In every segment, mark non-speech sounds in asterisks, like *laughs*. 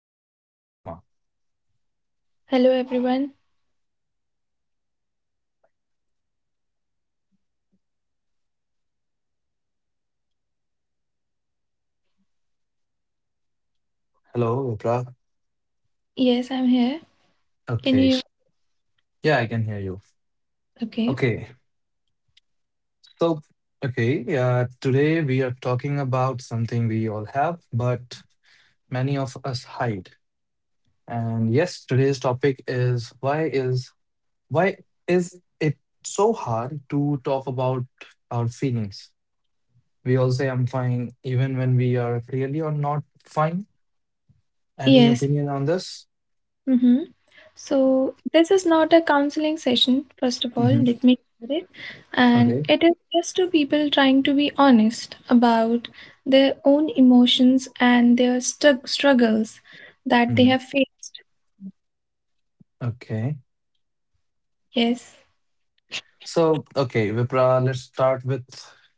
host, Vipra Dhama. Hello everyone. Hello, Vipra. Yes, I'm here. Can Okay. you hear me? Yeah, I can hear you. Okay. Okay. So, okay. Yeah, today we are talking about something we all have, but many of us hide. And yes, today's topic is why is it so hard to talk about our feelings? We all say I'm fine, even when we are clearly or not fine. Any Yes. opinion on this? Mm-hmm. So this is not a counseling session, first of all, Mm-hmm. let me clear it. And Okay. it is just two people trying to be honest about their own emotions and their stug struggles that they Mm-hmm. have faced. Okay. Yes. So, okay, Vipra, let's start with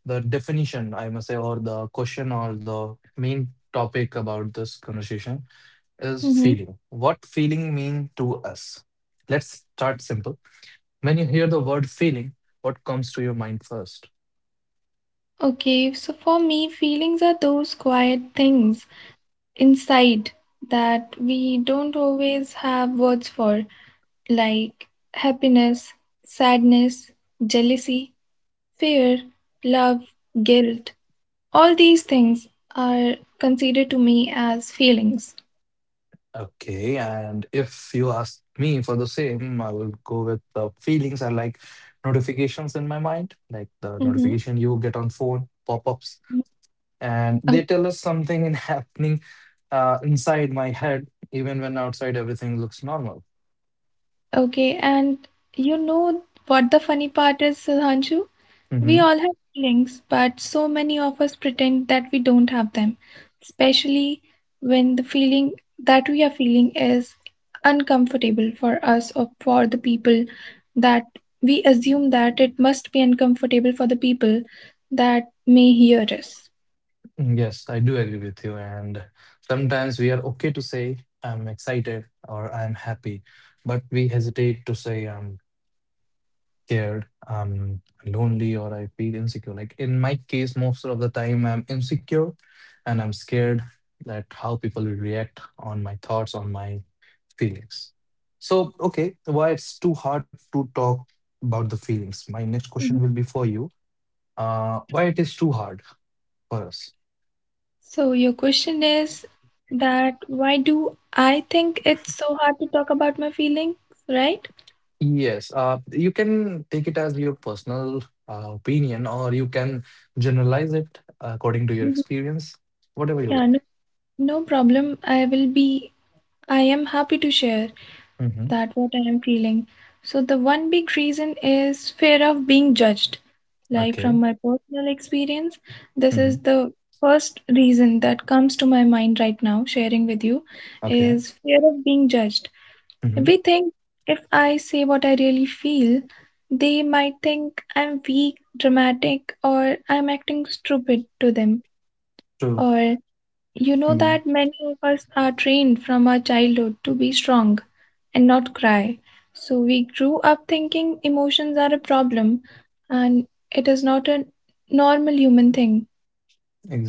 the definition, I must say, or the question or the main topic about this conversation is Mm-hmm. feeling. What feeling mean to us? Let's start simple. When you hear the word feeling, what comes to your mind first? Okay, so for me, feelings are those quiet things inside that we don't always have words for like happiness, sadness, jealousy, fear, love, guilt. All these things are considered to me as feelings. Okay, and if you ask me for the same, I will go with the feelings are like notifications in my mind, like the Mm-hmm. notification you get on phone, pop-ups, and they tell us something in *laughs* happening inside my head even when outside everything looks normal. Okay, and you know what the funny part is, Sudhanshu? We Hmm. all have feelings, but so many of us pretend that we don't have them, especially when the feeling that we are feeling is uncomfortable for us or for the people that we assume that it must be uncomfortable for the people that may hear us. Yes, I do agree with you. And sometimes we are okay to say I'm excited or I'm happy, but we hesitate to say I'm scared, I'm lonely, or I feel insecure. Like in my case, most of the time I'm insecure and I'm scared that how people will react on my thoughts, on my feelings. So, okay, why it's too hard to talk about the feelings? My next question Mhm. will be for you. Why it is too hard for us? So your question is that why do I think it's so hard to talk about my feelings, right? Yes, you can take it as your personal opinion, or you can generalize it according to your Mhm. experience, whatever you Yeah, no, like. no problem. I will be, I am happy to share Mm-hmm. that what I am feeling. So the one big reason is fear of being judged. Like from Okay. my personal experience, this is Hmm. the first reason that comes to my mind right now, sharing with you, Okay. is fear of being judged. Hmm. We think if I say what I really feel, they might think I'm weak, dramatic, or I'm acting stupid to them. True. Or you know Mhm. that many of us are trained from our childhood to be strong and not cry. So we grew up thinking emotions are a problem and it is not a normal human thing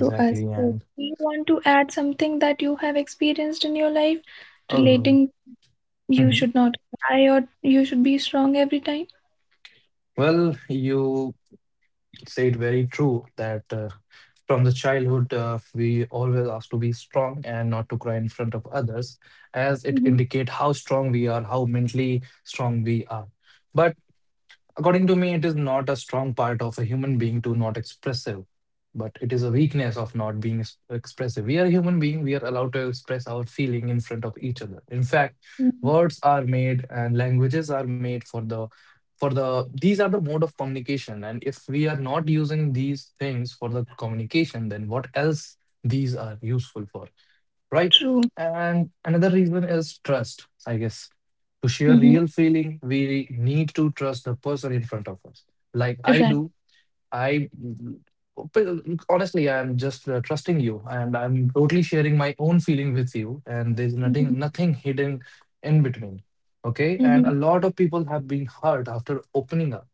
to us. So And do you want to add something that you have experienced in your life uh, relating you mhm. should not cry or you should be strong every time? Well, you said very true that from the childhood we always ask to be strong and not to cry in front of others, as it Mm-hmm. indicate how strong we are, how mentally strong we are. But according to me, it is not a strong part of a human being to not expressive, but it is a weakness of not being expressive. We are a human being, we are allowed to express our feeling in front of each other. In fact, words are made and languages are made for the these are the mode of communication, and if we are not using these things for the communication, then what else these are useful for, right? True. And another reason is trust, I guess. To share Mm-hmm. real feeling, we need to trust the person in front of us. Like I Right. do, I honestly, I'm just trusting you, and I'm totally sharing my own feeling with you, and there's Mm-hmm. nothing hidden in between. Okay, and a lot of people have been hurt after opening up.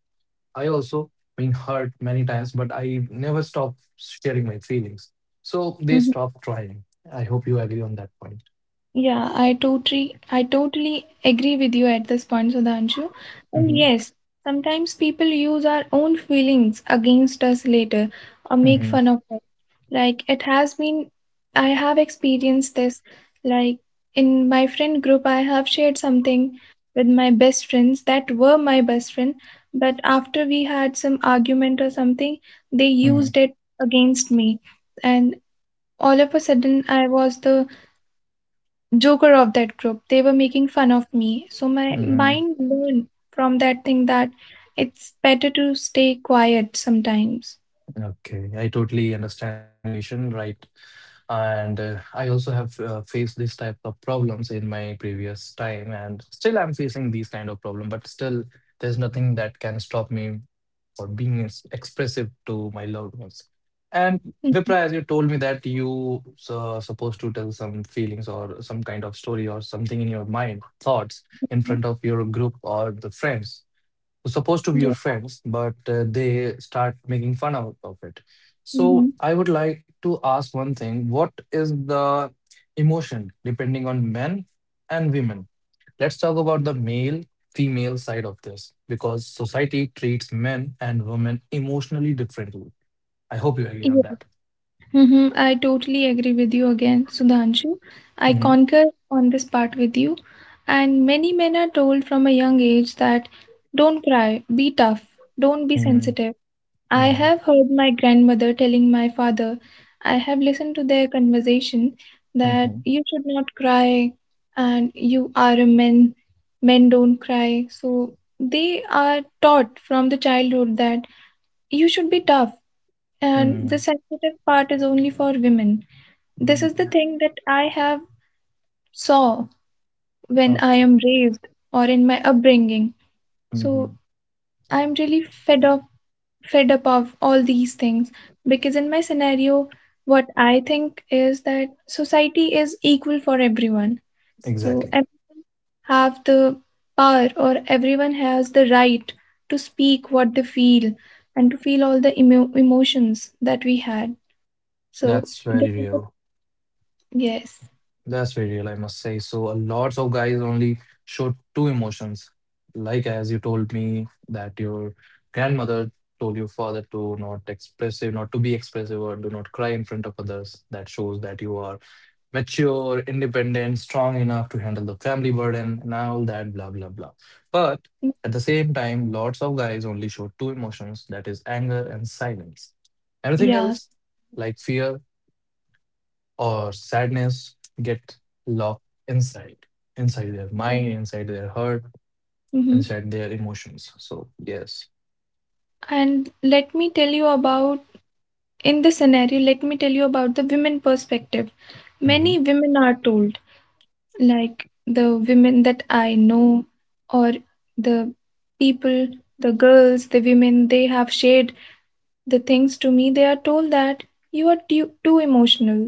I also been hurt many times, but I never stop sharing my feelings. So they Mm-hmm. stop trying. I hope you agree on that point. Yeah, I totally agree with you at this point, Sudhanshu. And Hmm. yes, sometimes people use our own feelings against us later or make Hmm. fun of us. Like it has been I have experienced this. Like in my friend group, I have shared something with my best friends that were my best friend, but after we had some argument or something, they used Hmm. it against me. And all of a sudden I was the joker of that group. They were making fun of me. So my Hmm. mind learned from that thing that it's better to stay quiet sometimes. Okay, I totally understand your situation, right? And I also have faced this type of problems in my previous time, and still I'm facing these kind of problem. But still, there's nothing that can stop me or being expressive to my loved ones. And Mm-hmm. Vipra, as you told me that you supposed to tell some feelings or some kind of story or something in your mind, thoughts in front of your group or the friends who's supposed to be Yeah. your friends, but they start making fun out of it. Mm-hmm. So I would like to ask one thing: what is the emotion depending on men and women? Let's talk about the male female side of this because society treats men and women emotionally differently. I hope you agree on Yeah. that. Mm-hmm. I totally agree with you again, Sudhanshu. I Hmm. concur on this part with you. And many men are told from a young age that don't cry, be tough, don't be Hmm. sensitive. I Hmm. have heard my grandmother telling my father, I have listened to their conversation, that Hmm. you should not cry and you are a man, men don't cry. So they are taught from the childhood that you should be tough and the sensitive part is only for women. This is the Hmm. thing that I have saw when I Okay. am raised or in my upbringing. So Hmm. I'm really fed up of all these things because in my scenario what I think is that society is equal for everyone so Exactly. everyone have the power or everyone has the right to speak what they feel and to feel all the emotions that we had so That's this very is the- real. yes That's very real, I must say. So a lots of guys only show two emotions. Like as you told me that your grandmother told your father to not expressive, not to be expressive or do not cry in front of others. That shows that you are mature, independent, strong enough to handle the family burden and all that blah blah blah. But at the same time, lots of guys only show two emotions, that is anger and silence. Everything yeah else, like fear or sadness, get locked inside inside their so, mind, inside their heart, mm-hmm. inside their emotions, so yes. And let me tell you about in this scenario let me tell you about the women perspective. Hmm. Many women are told like the women that I know, or the people, the girls, the women, they have shared the things to me. They are told that you are too emotional,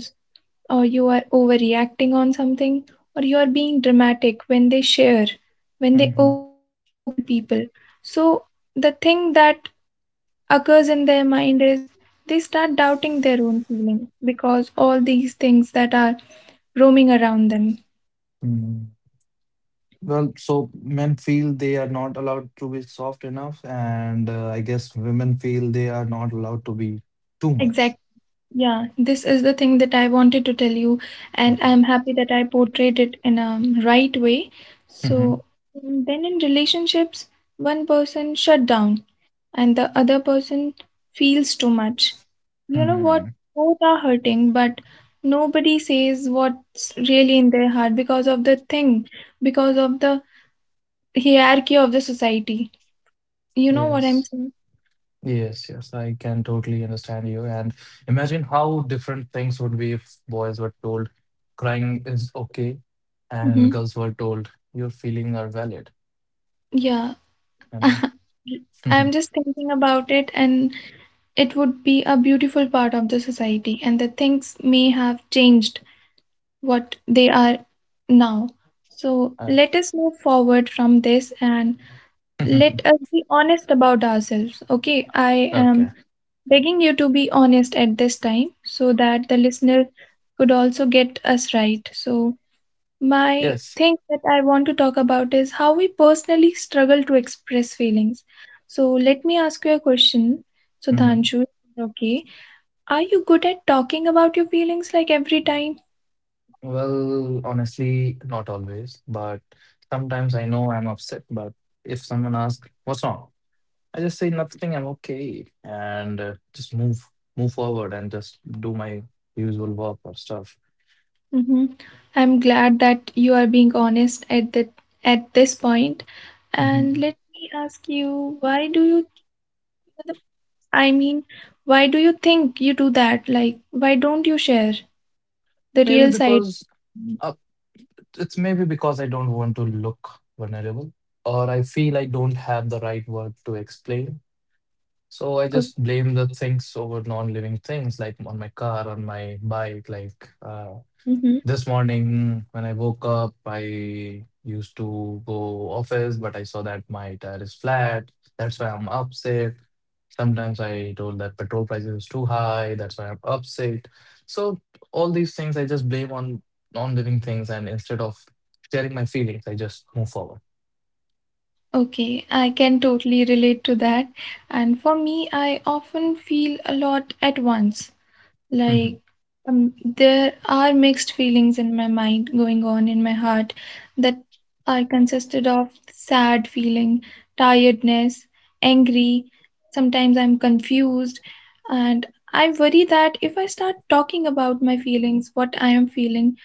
or you are overreacting on something, or you are being dramatic when they share, when they Mm-hmm. open with the people. So the thing that occurs in their mind is they start doubting their own feelings because all these things that are roaming around them. Hmm. Well, so men feel they are not allowed to be soft enough, and I guess women feel they are not allowed to be too much. Exactly. Yeah, this is the thing that I wanted to tell you, and Okay. I'm happy that I portrayed it in a right way. Hmm. So then in relationships, one person shut down and the other person feels too much. You know what? Hmm. Both are hurting, but nobody says what's really in their heart because of the thing, because of the hierarchy of the society. You know what I'm Yes. saying? Yes, yes, I can totally understand you. And imagine how different things would be if boys were told crying is okay and Mm-hmm. girls were told your feelings are valid, Yeah. you know? *laughs* I'm just thinking about it and it would be a beautiful part of the society and the things may have changed what they are now. So Uh, let us move forward from this and let *laughs* us be honest about ourselves. Okay, I Okay. am begging you to be honest at this time so that the listener could also get us right. So my Yes. thing that I want to talk about is how we personally struggle to express feelings. So let me ask you a question, Hmm. Sudhanshu. Okay, are you good at talking about your feelings like every time? Well, honestly, not always, but sometimes I know I'm upset, but if someone asks, what's wrong? I just say nothing, I'm okay, and just move forward and just do my usual work or stuff. Hmm. I'm glad that you are being honest at that at this point. And Mm-hmm. let me ask you, why do you, I mean, why do you think you do that? Like, why don't you share the Maybe real side? because uh, it's maybe because I don't want to look vulnerable, or I feel I don't have the right word to explain. So I Oh, just blame the things over non-living things, like on my car, on my bike, like mhm. this morning, when I woke up, I used to go office, but I saw that my tire is flat. That's why I'm upset. Sometimes I told that petrol prices is too high. That's why I'm upset. So all these things I just blame on non-living things, and instead of sharing my feelings, I just move forward. Okay, I can totally relate to that. And for me, I often feel a lot at once. Mhm. Like, there are mixed feelings in my mind going on in my heart that are consisted of sad feeling, tiredness, angry. Sometimes I'm confused, and I worry that if I start talking about my feelings, what I am feeling,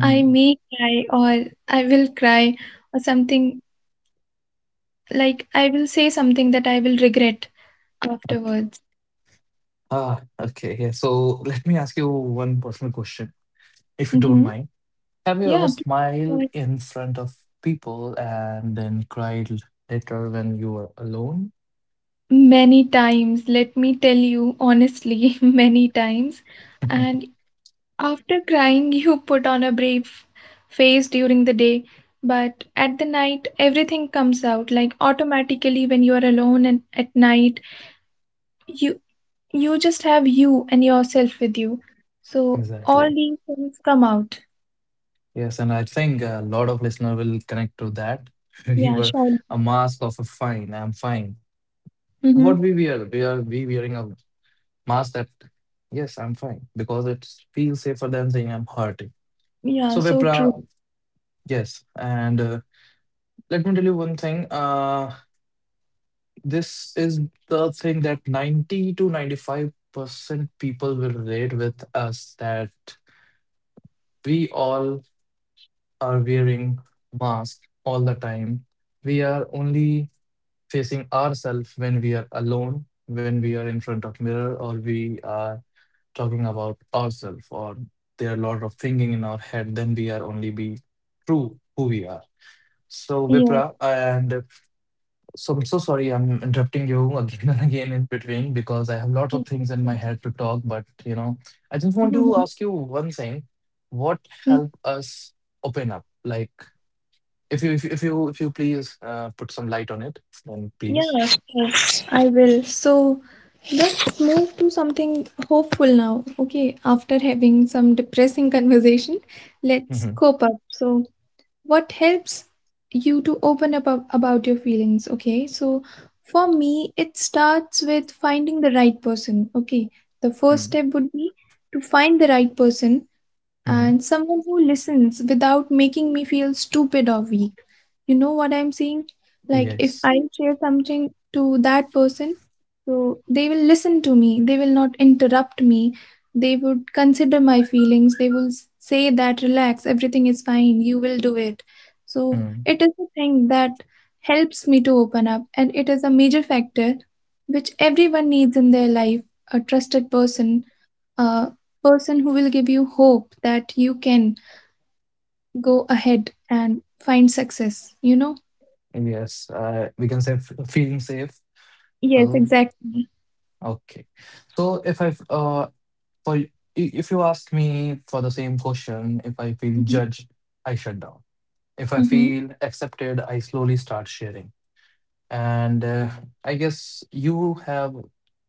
I may cry or I will cry or something like I will say something that I will regret Okay. afterwards. Ah, okay. Yeah. So let me ask you one personal question, if you don't Mm-hmm. mind. Have you ever Yeah. Please go smiled ahead. in front of people and then cried later when you were alone? Many times, let me tell you honestly, *laughs* many times. *laughs* And after crying, *laughs* you put on a brave face during the day, but at the night, everything comes out like automatically when you are alone and at night, you you just have you and yourself with you. So all Exactly. these things come out. Yes, and I think a lot of listener will connect to that. *laughs* We Yeah, were sure. a mask of a fine. I'm fine. What Mm-hmm. we wear? We wearing a mask that yes, I'm fine because it feels safer than saying I'm hurting. So, Yeah, so Vipra, true. yes, and let me tell you one thing. This is the thing that 90 to 95% people will relate with us, that we all are wearing masks all the time. We are only facing ourselves when we are alone, when we are in front of mirror, or we are talking about ourselves, or there are a lot of thinking in our head, then we are only be true who we are. So, Yeah. Vipra, and So I'm so sorry I'm interrupting you *laughs* again and again in between because I have lots of things in my *laughs* head to talk, but I just want to Mhm. ask you one thing. What help us open up? Like if you if you if you, if you please put some light on it, then please. Yeah, sure. I will. So let's move to something hopeful now. Okay, after having some depressing conversation, let's Mm-hmm. cope up. So what helps you to open up about your feelings? Okay, so for me, it starts with finding the right person. Okay, the first Mm-hmm. step would be to find the right person Mm-hmm. and someone who listens without making me feel stupid or weak. You know what I'm saying? Like, if Yes. I share something to that person, so they will listen to me, they will not interrupt me, they would consider my feelings, they will say that, relax, everything is fine, you will do it. So, Mm. it is a thing that helps me to open up, and it is a major factor which everyone needs in their life, a trusted person, a person who will give you hope that you can go ahead and find success, you know? Yes. We can say feeling safe. Yes, Well, exactly. okay. So if you ask me for the same question, if I feel Hmm. judged, I shut down. If I Hmm. feel accepted, I slowly start sharing. And I guess you have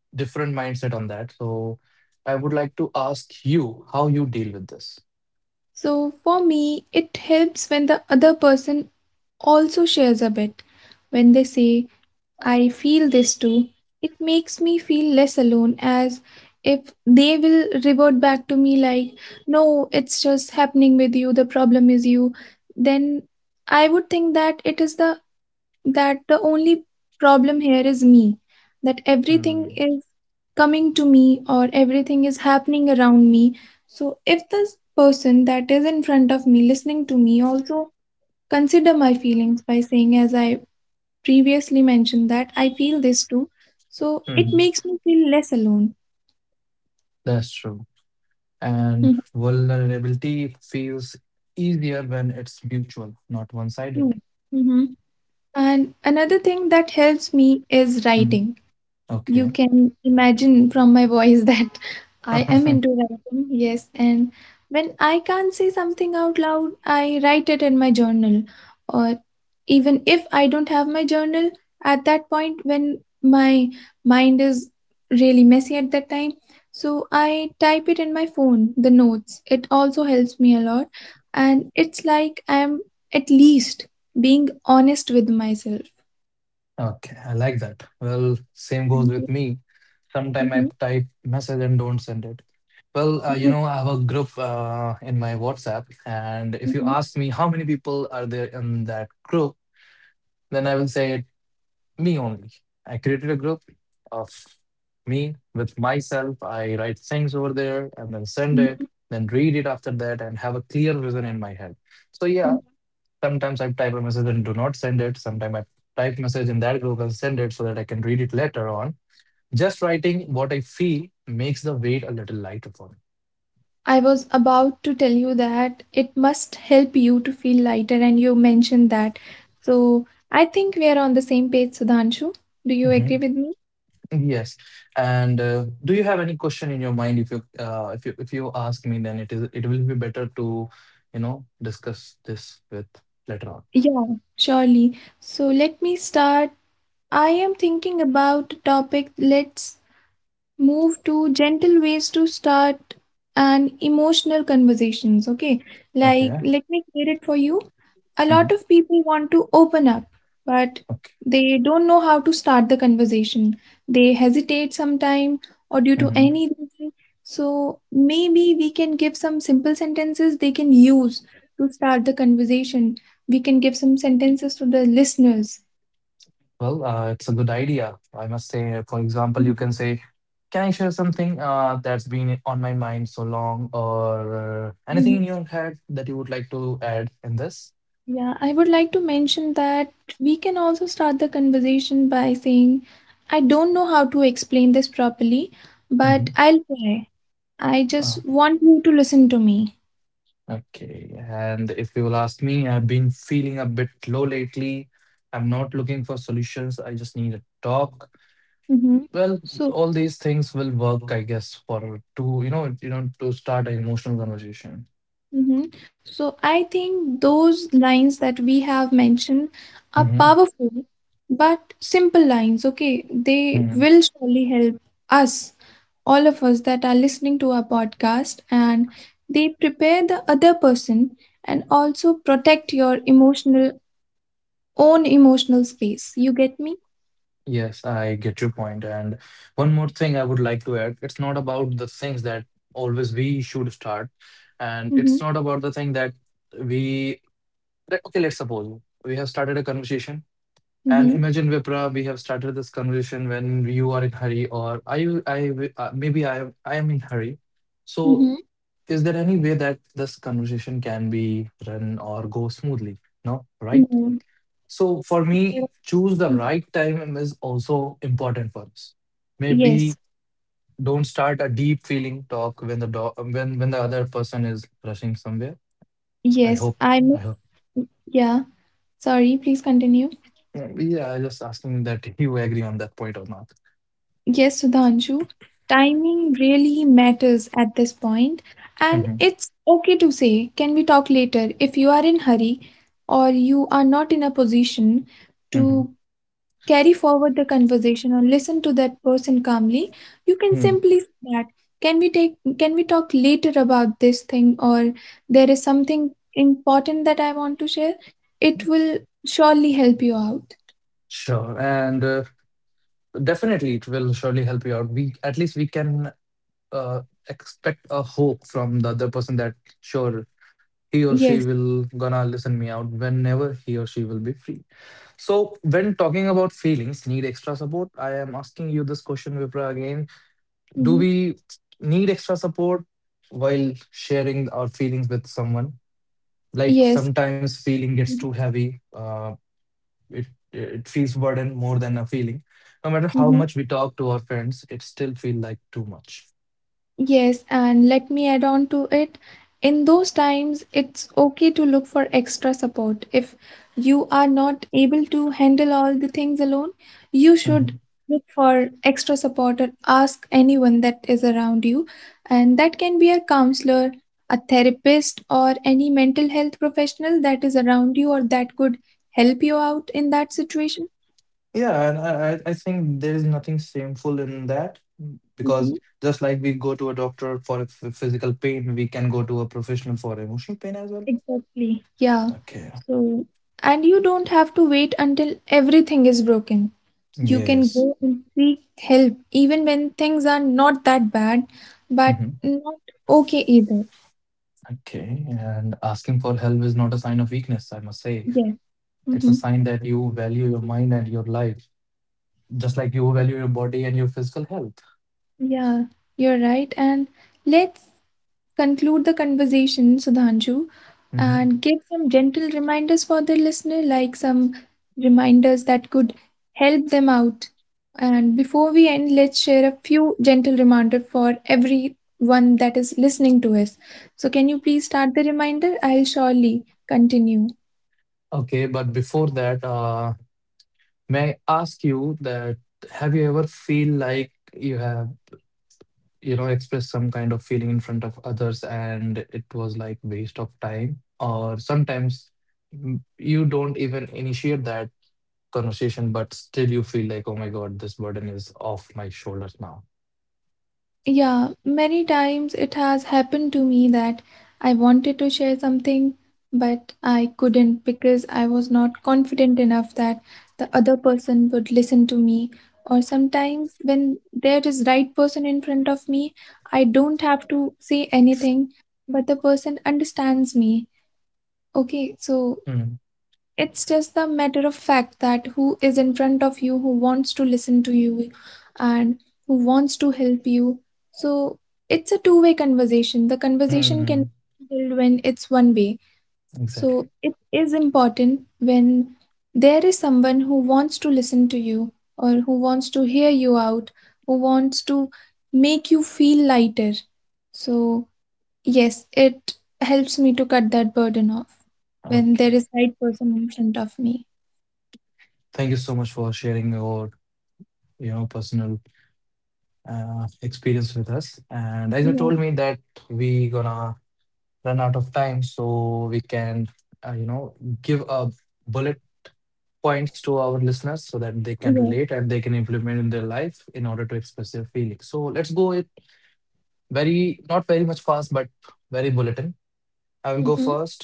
different mindset on that. So I would like to ask you how you deal with this. So for me, it helps when the other person also shares a bit. When they say, I feel this too, it makes me feel less alone. As if they will revert back to me like, no, it's just happening with you, the problem is you, then I would think that it is the that the only problem here is me, that everything Mm. is coming to me or everything is happening around me. So, if this person that is in front of me listening to me also consider my feelings by saying, as I previously mentioned, that I feel this too, so it Mhm. makes me feel less alone. That's true. And vulnerability feels easier when it's mutual, not one sided. Mm-hmm. And another thing that helps me is writing. Okay. You can imagine from my voice that *laughs* I am into *laughs* writing, yes. And when I can't say something out loud, I write it in my journal. Or even if I don't have my journal, at that point when my mind is really messy at that time, so I type it in my phone, the notes. It also helps me a lot. And it's like I'm at least being honest with myself. Okay, I like that. Well, same goes Thank with you. me. Sometime I Mhm. type message and don't send it. Well, Mhm. I have a group in my WhatsApp, and if you ask me how many people are there in that group, then I will say it, me only. I created a group of me with myself. I write things over there and then send it, Mhm. then read it after that, and have a clear vision in my head. So yeah, Mhm. sometimes I type a message and do not send it. Sometimes I type message in that group and send it so that I can read it later on. Just writing what I feel makes the weight a little lighter for me. I was about to tell you that it must help you to feel lighter, and you mentioned that. So I think we are on the same page, Sudhanshu. Do you agree Mhm. with me? Yes. And do you have any question in your mind? If you ask me, then it will be better to discuss this with later on. Yeah, surely. So let me start. I am thinking about a topic. Let's move to gentle ways to start an emotional conversations. Okay, like Okay. let me clear it for you. A Mhm. lot of people want to open up, but Okay. they don't know how to start the conversation. They hesitate sometime or due to Mhm. any reason. So maybe we can give some simple sentences they can use to start the conversation. We can give some sentences to the listeners. Well, it's a good idea. I must say, for example, you can Mhm, say, can I share something that's been on my mind so long, or anything in mhm. your head that you would like to add in this? Yeah, I would like to mention that we can also start the conversation by saying, I don't know how to explain this properly, but Hmm. I'll try. I Uh, just want you to listen to me. okay. And if you will ask me, I've been feeling a bit low lately. I'm not looking for solutions. I just need a talk. Mm-hmm. Well, So, all these things will work, I guess, for to you know, to start an emotional conversation. hmm So I think those lines that we have mentioned are powerful, but simple lines, okay? They Hmm. will surely help us, all of us that are listening to our podcast, and they prepare the other person and also protect your emotional own emotional space. You get me? Yes, I get your point. And one more thing I would like to add, it's not about the things that always we should start. And it's Mm-hmm. not about the thing that we, okay, let's suppose we have started a conversation. And Mm-hmm. imagine Vipra, we have started this conversation when you are in hurry, or maybe I am in hurry. So, Mm-hmm. is there any way that this conversation can be run or go smoothly? No, right? No. So for me, Mhm. choose the right time is also important for us. Maybe Yes. don't start a deep feeling talk when when the other person is rushing somewhere. I hope Yes. I I hope. Yeah, sorry, please continue. Yeah, I just asking that *laughs* you agree on that point or not. Yes, Sudhanshu, timing really matters at this point, and Hmm. it's okay to say, can we talk later if you are in hurry or you are not in a position Hmm. to carry forward the conversation or listen to that person calmly, you can Mm. simply say that, can we talk later about this thing or there is something important that I want to share? It will surely help you out. Sure, and definitely it will surely help you out. We at least we can uh, expect a hope from the other person that sure he or she Yes. will gonna listen me out whenever he or she will be free. So when talking about feelings need extra support, I am asking you this question, Vipra, again, do Mhm. we need extra support while sharing our feelings with someone? Like Yes. sometimes feeling gets too heavy, it it feels burden more than a feeling. No matter how Mm-hmm. much we talk to our friends, it still feel like too much. Yes, and let me add on to it. In those times, it's okay to look for extra support. If you are not able to handle all the things alone, you Mhm. should look for extra support or ask anyone that is around you. And that can be a counselor, a therapist, or any mental health professional that is around you or that could help you out in that situation. Yeah, and I think there is nothing shameful in that, because Mhm. just like we go to a doctor for a physical pain, we can go to a professional for emotional pain as well. Exactly. Yeah. Okay. So, And you don't have to wait until everything is broken. You can Yes. go and seek help even when things are not that bad, but Hmm. not okay either. Okay. And asking for help is not a sign of weakness, I must say. Yeah. Yes. It's a Hmm. sign that you value your mind and your life, just like you value your body and your physical health. Yeah, you're right. And let's conclude the conversation, Sudhanshu, Hmm. and give some gentle reminders for the listener, like some reminders that could help them out. And before we end, let's share a few gentle reminder for everyone that is listening to us. So, can you please start the reminder? I'll surely continue. Okay. But before that, may I ask you that have you ever feel like you have, you know, express some kind of feeling in front of others and it was like waste of time? Or sometimes, you don't even initiate that conversation, but still you feel like, oh my God, this burden is off my shoulders now. Yeah, many times it has happened to me that I wanted to share something, but I couldn't because I was not confident enough that the other person would listen to me. Or sometimes when there is right person in front of me, I don't have to say anything, but the person understands me. Okay, so Mm, it's just the matter of fact that who is in front of you, who wants to listen to you and who wants to help you. So it's a two-way conversation. The conversation mm, can be held when it's one way. exactly. So it is important when there is someone who wants to listen to you or who wants to hear you out, who wants to make you feel lighter. So yes, it helps me to cut that burden off when there Okay. is right person in front of me. Thank you so much for sharing your, you know, personal experience with us. And as you told Yeah. me that we gonna run out of time, so we can, you know, give a bullet points to our listeners so that they can relate Yes. and they can implement in their life in order to express their feelings. So let's go it very, not very much fast, but very bulletin. I will go Hmm. first.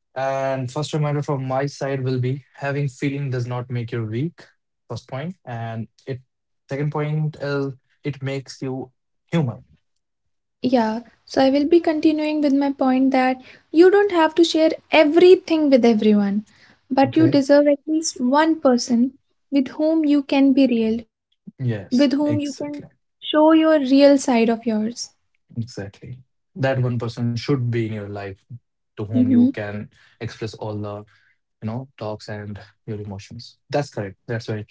And first reminder from my side will be: having feeling does not make you weak. First point. And it second point is it makes you human. Yeah. So I will be continuing with my point that you don't have to share everything with everyone, but you Okay. deserve at least one person with whom you can be real, you Yes, with whom you exactly. can show your real side of yours. Exactly. That one person should be in your life to whom you Mhm. can express all the, you know, talks and your emotions. That's correct. That's very true.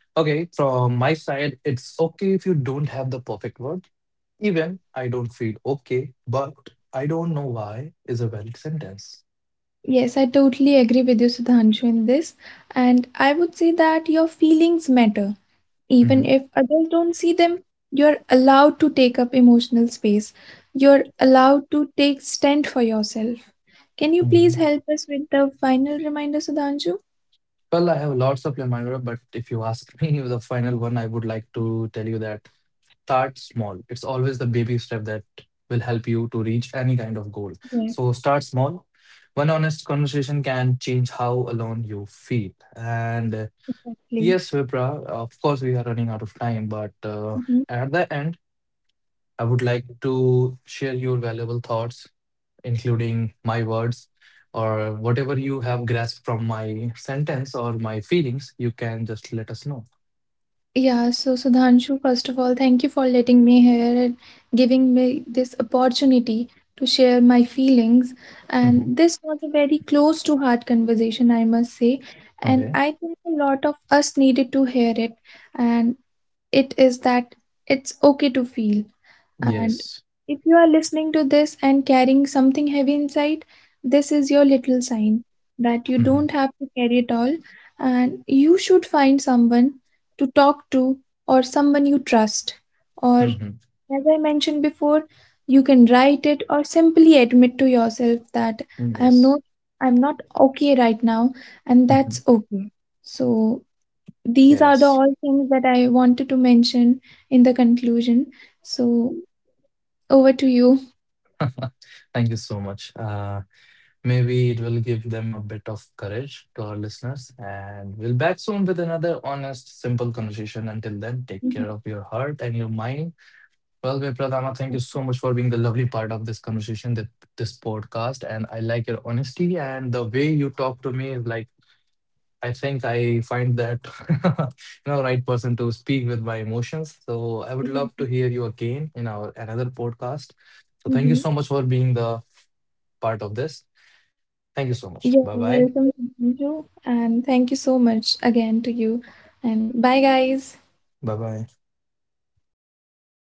Okay, from my side, it's okay if you don't have the perfect word. Even I don't feel okay, but I don't know why is a valid sentence. Yes, I totally agree with you, Sudhanshu, in this. And I would say that your feelings matter. Mhm, Even if others don't see them, you're allowed to take up emotional space. You're allowed to take stand for yourself. Can you please mhm. help us with the final reminder, Sudhanshu? Well, I have lots of Lemonade, but if you ask *laughs* me the final one, I would like to tell you that start small. It's always the baby step that will help you to reach any kind of goal. Yeah, So start small. One honest conversation can change how alone you feel. And yes, exactly. Vipra, of course, we are running out of time, but at the end, I would like to share your valuable thoughts, including my words or whatever you have grasped from my sentence or my feelings. You can just let us know. Yeah, so Sudhanshu, first of all, thank you for letting me here and giving me this opportunity to share my feelings. Hmm. And this was a very close to heart conversation, I must say. Okay. And I think a lot of us needed to hear it. And it is that it's okay to feel. And Yes. if you are listening to this and carrying something heavy inside, this is your little sign that you Hmm. don't have to carry it all and you should find someone to talk to or someone you trust. Or, Hmm. as I mentioned before, you can write it or simply admit to yourself that I Yes. am not I'm not okay right now and Mhm. that's okay. So these are Yes. the all things that I wanted to mention in the conclusion. So over to you. *laughs* Thank you so much. Maybe it will give them a bit of courage to our listeners. And we'll back soon with another honest, simple conversation. Until then, take care of Mhm. your heart and your mind. Well, Vipradama, thank you so much for being the lovely part of this conversation, that this podcast. And I like your honesty and the way you talk to me is like I think I find that *laughs* you know right person to speak with my emotions. So I would love to hear you again in our another podcast. So thank you so Mhm. much for being the part of this. Thank you so much. Bye You're bye. welcome, Manju, and thank you so much again to you. And bye, guys. Bye bye.